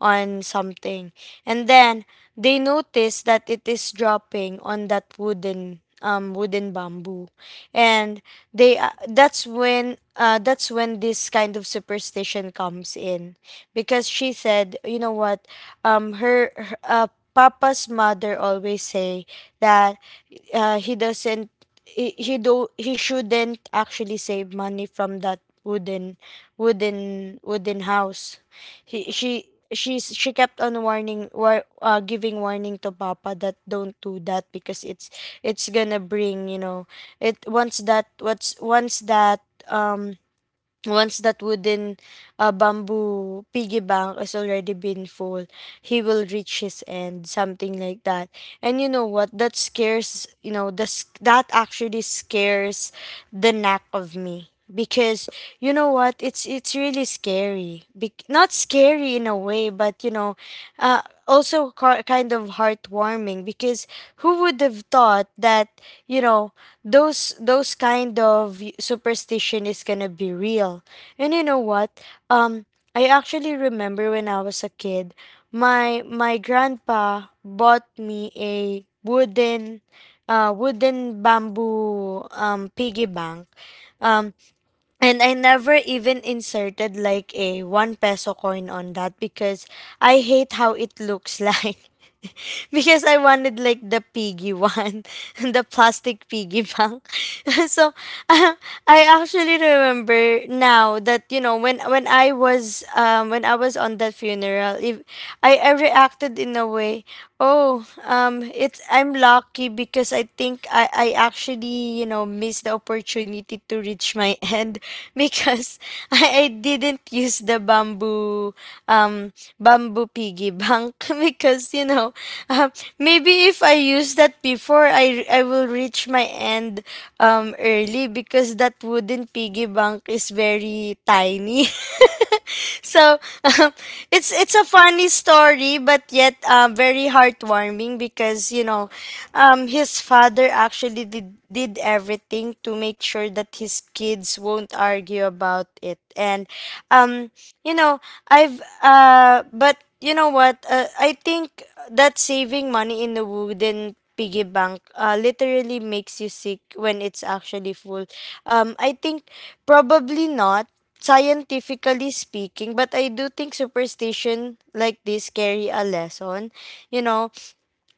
S1: on something. And then they notice that it is dropping on that wooden, um wooden bamboo. And they, uh, that's when uh, that's when this kind of superstition comes in, because she said, you know what, um her, her uh, Papa's mother always say that, uh, he doesn't, he, he do he shouldn't actually save money from that wooden, wooden wooden house. He she she's She kept on warning, war, uh, giving warning to Papa, that don't do that because it's it's gonna bring, you know, it once that what's once that um once that wooden, uh, bamboo piggy bank has already been full, he will reach his end, something like that. And you know what? That scares, you know, the, s- that actually scares the knack of me, because you know what, it's it's really scary. Be- not scary in a way, but you know, uh, also car- kind of heartwarming, because who would have thought that, you know, those those kind of superstition is gonna be real. And you know what, um I actually remember when I was a kid, my my grandpa bought me a wooden, uh wooden bamboo, um piggy bank. um and I never even inserted like a one peso coin on that, because I hate how it looks, *laughs* like *laughs* because I wanted like the piggy one, *laughs* the plastic piggy bank. *laughs* So uh, I actually remember now that, you know, when, when I was um when I was on that funeral, if I, I reacted in a way. Oh, um, it's, I'm lucky, because I think I I actually, you know know, missed the opportunity to reach my end, *laughs* because I, I didn't use the bamboo, um bamboo piggy bank, *laughs* because you know, um, maybe if I use that before, I I will reach my end, um early, because that wooden piggy bank is very tiny. *laughs* So *laughs* um, it's it's a funny story, but yet, uh, very heartwarming, because you know, um, his father actually did did everything to make sure that his kids won't argue about it. And um, you know, I've uh but you know what? Uh, I think that saving money in the wooden piggy bank uh literally makes you sick when it's actually full. Um, I think probably not scientifically speaking, but I do think superstition like this carry a lesson. You know,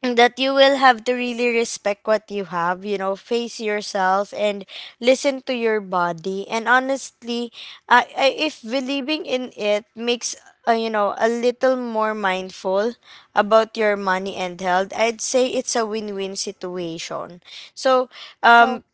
S1: that you will have to really respect what you have, you know, face yourself and listen to your body. And honestly, I, I if believing in it makes, uh, you know, a little more mindful about your money and health, I'd say it's a win-win situation. So, um,
S2: So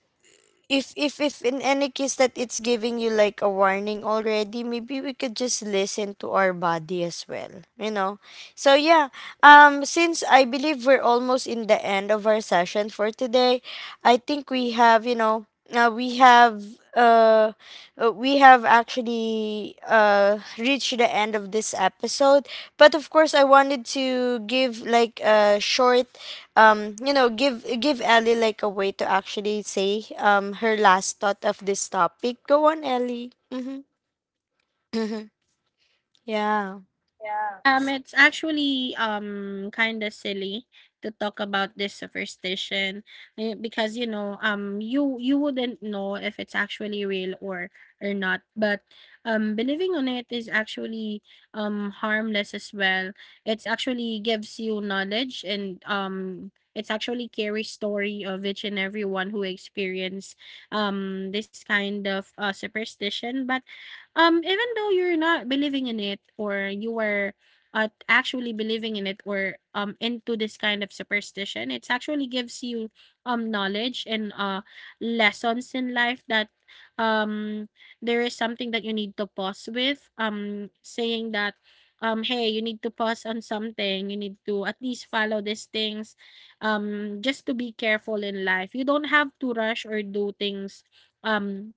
S1: if if if in any case that it's giving you like a warning already, maybe we could just listen to our body as well, you know. So yeah, um since I believe we're almost in the end of our session for today, I think we have, you know, uh, we have uh, uh, we have actually uh reached the end of this episode. But of course, I wanted to give like a short, um you know, give give Ellie like a way to actually say, um her last thought of this topic. Go on, Ellie. Mhm. Mhm. *laughs* Yeah.
S2: Yeah. Um, it's actually um kind of silly to talk about this superstition, eh, because you know um you you wouldn't know if it's actually real or or not. But um believing on it is actually um harmless as well. It's actually gives you knowledge, and um it's actually carry story of each and everyone who experience um this kind of uh, superstition. But um, even though you're not believing in it, or you were uh, actually believing in it or um into this kind of superstition, it actually gives you um knowledge and uh lessons in life that um there is something that you need to pause with. Um saying that um hey, you need to pause on something, you need to at least follow these things um just to be careful in life. You don't have to rush or do things um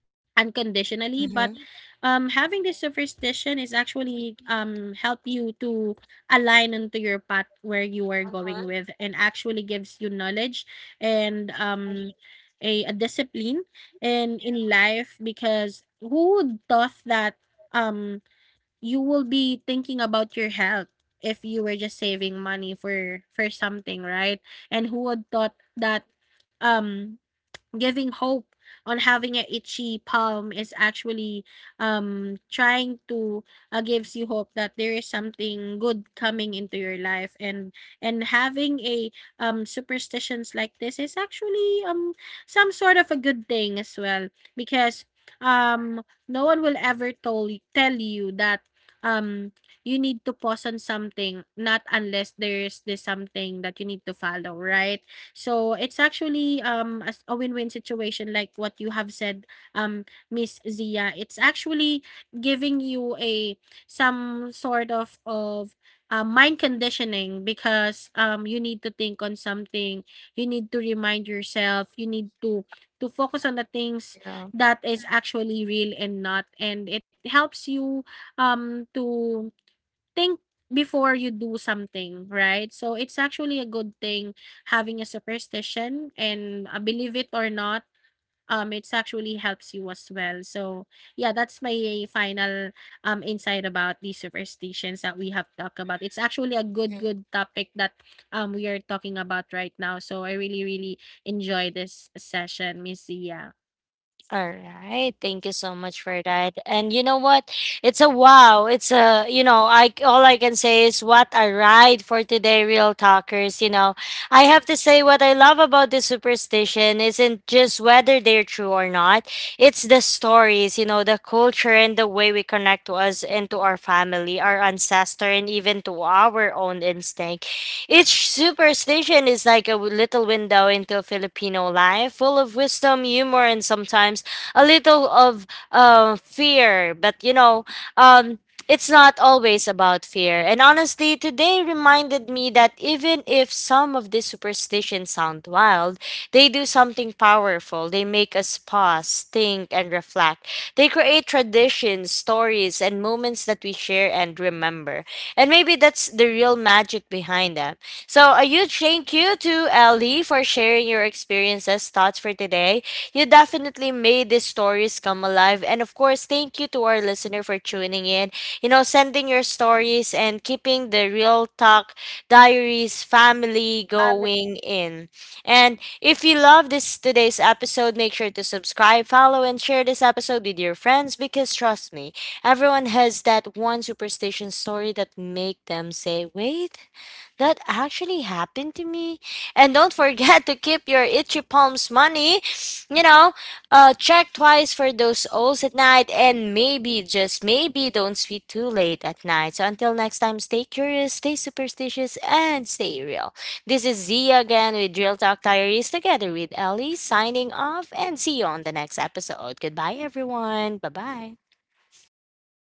S2: unconditionally. But
S1: Mhm.
S2: um having this superstition is actually um help you to align onto your path where you are going with, and actually gives you knowledge and um a, a discipline and in life. Because who would thought that um you will be thinking about your health if you were just saving money for for something, right? And who would thought that um giving hope on having an itchy palm is actually um trying to uh, gives you hope that there is something good coming into your life. and and having a um superstitions like this is actually um some sort of a good thing as well. Because um no one will ever tell tell you that um you need to pause on something not unless there is this something that you need to follow, right? So it's actually um a, s- a win-win situation like what you have said, um, Miss Zia. It's actually giving you a some sort of of uh, mind conditioning because um you need to think on something, you need to remind yourself, you need to to focus on the things that is actually real and not, and it helps you um to think before you do something, right? So it's actually a good thing having a superstition, and uh, believe it or not, um, it's actually helps you as well. So yeah, that's my final um insight about these superstitions that we have talked about. It's actually a good good topic that um we are talking about right now. So I really really enjoy this session, Miss Zia.
S1: All right, thank you so much for that. And you know what? It's a wow. It's a, you know, I, all I can say is what a ride for today, real talkers, you know. I have to say, what I love about this superstition isn't just whether they're true or not. It's the stories, you know, the culture, and the way we connect to us and to our family, our ancestor, and even to our own instinct. Each superstition is like a w- little window into Filipino life, full of wisdom, humor, and sometimes a little of uh, fear. But you know, um, it's not always about fear. And honestly, today reminded me that even if some of these superstitions sound wild, they do something powerful. They make us pause, think, and reflect. They create traditions, stories, and moments that we share and remember. And maybe that's the real magic behind them. So, a huge thank you to Ellie for sharing your experiences, thoughts for today. You definitely made these stories come alive. And of course, thank you to our listener for tuning in, you know, sending your stories and keeping the real talk diaries family going in. And if you love this today's episode, make sure to subscribe, follow, and share this episode with your friends, because trust me, everyone has that one superstition story that make them say, "Wait, that actually happened to me." And don't forget to keep your itchy palms money. You know, uh, check twice for those O's at night, and maybe, just maybe, don't sleep too late at night. So until next time, stay curious, stay superstitious, and stay real. This is Zia again with Real Talk Diaries, together with Ellie, signing off, and see you on the next episode. Goodbye, everyone. Bye bye.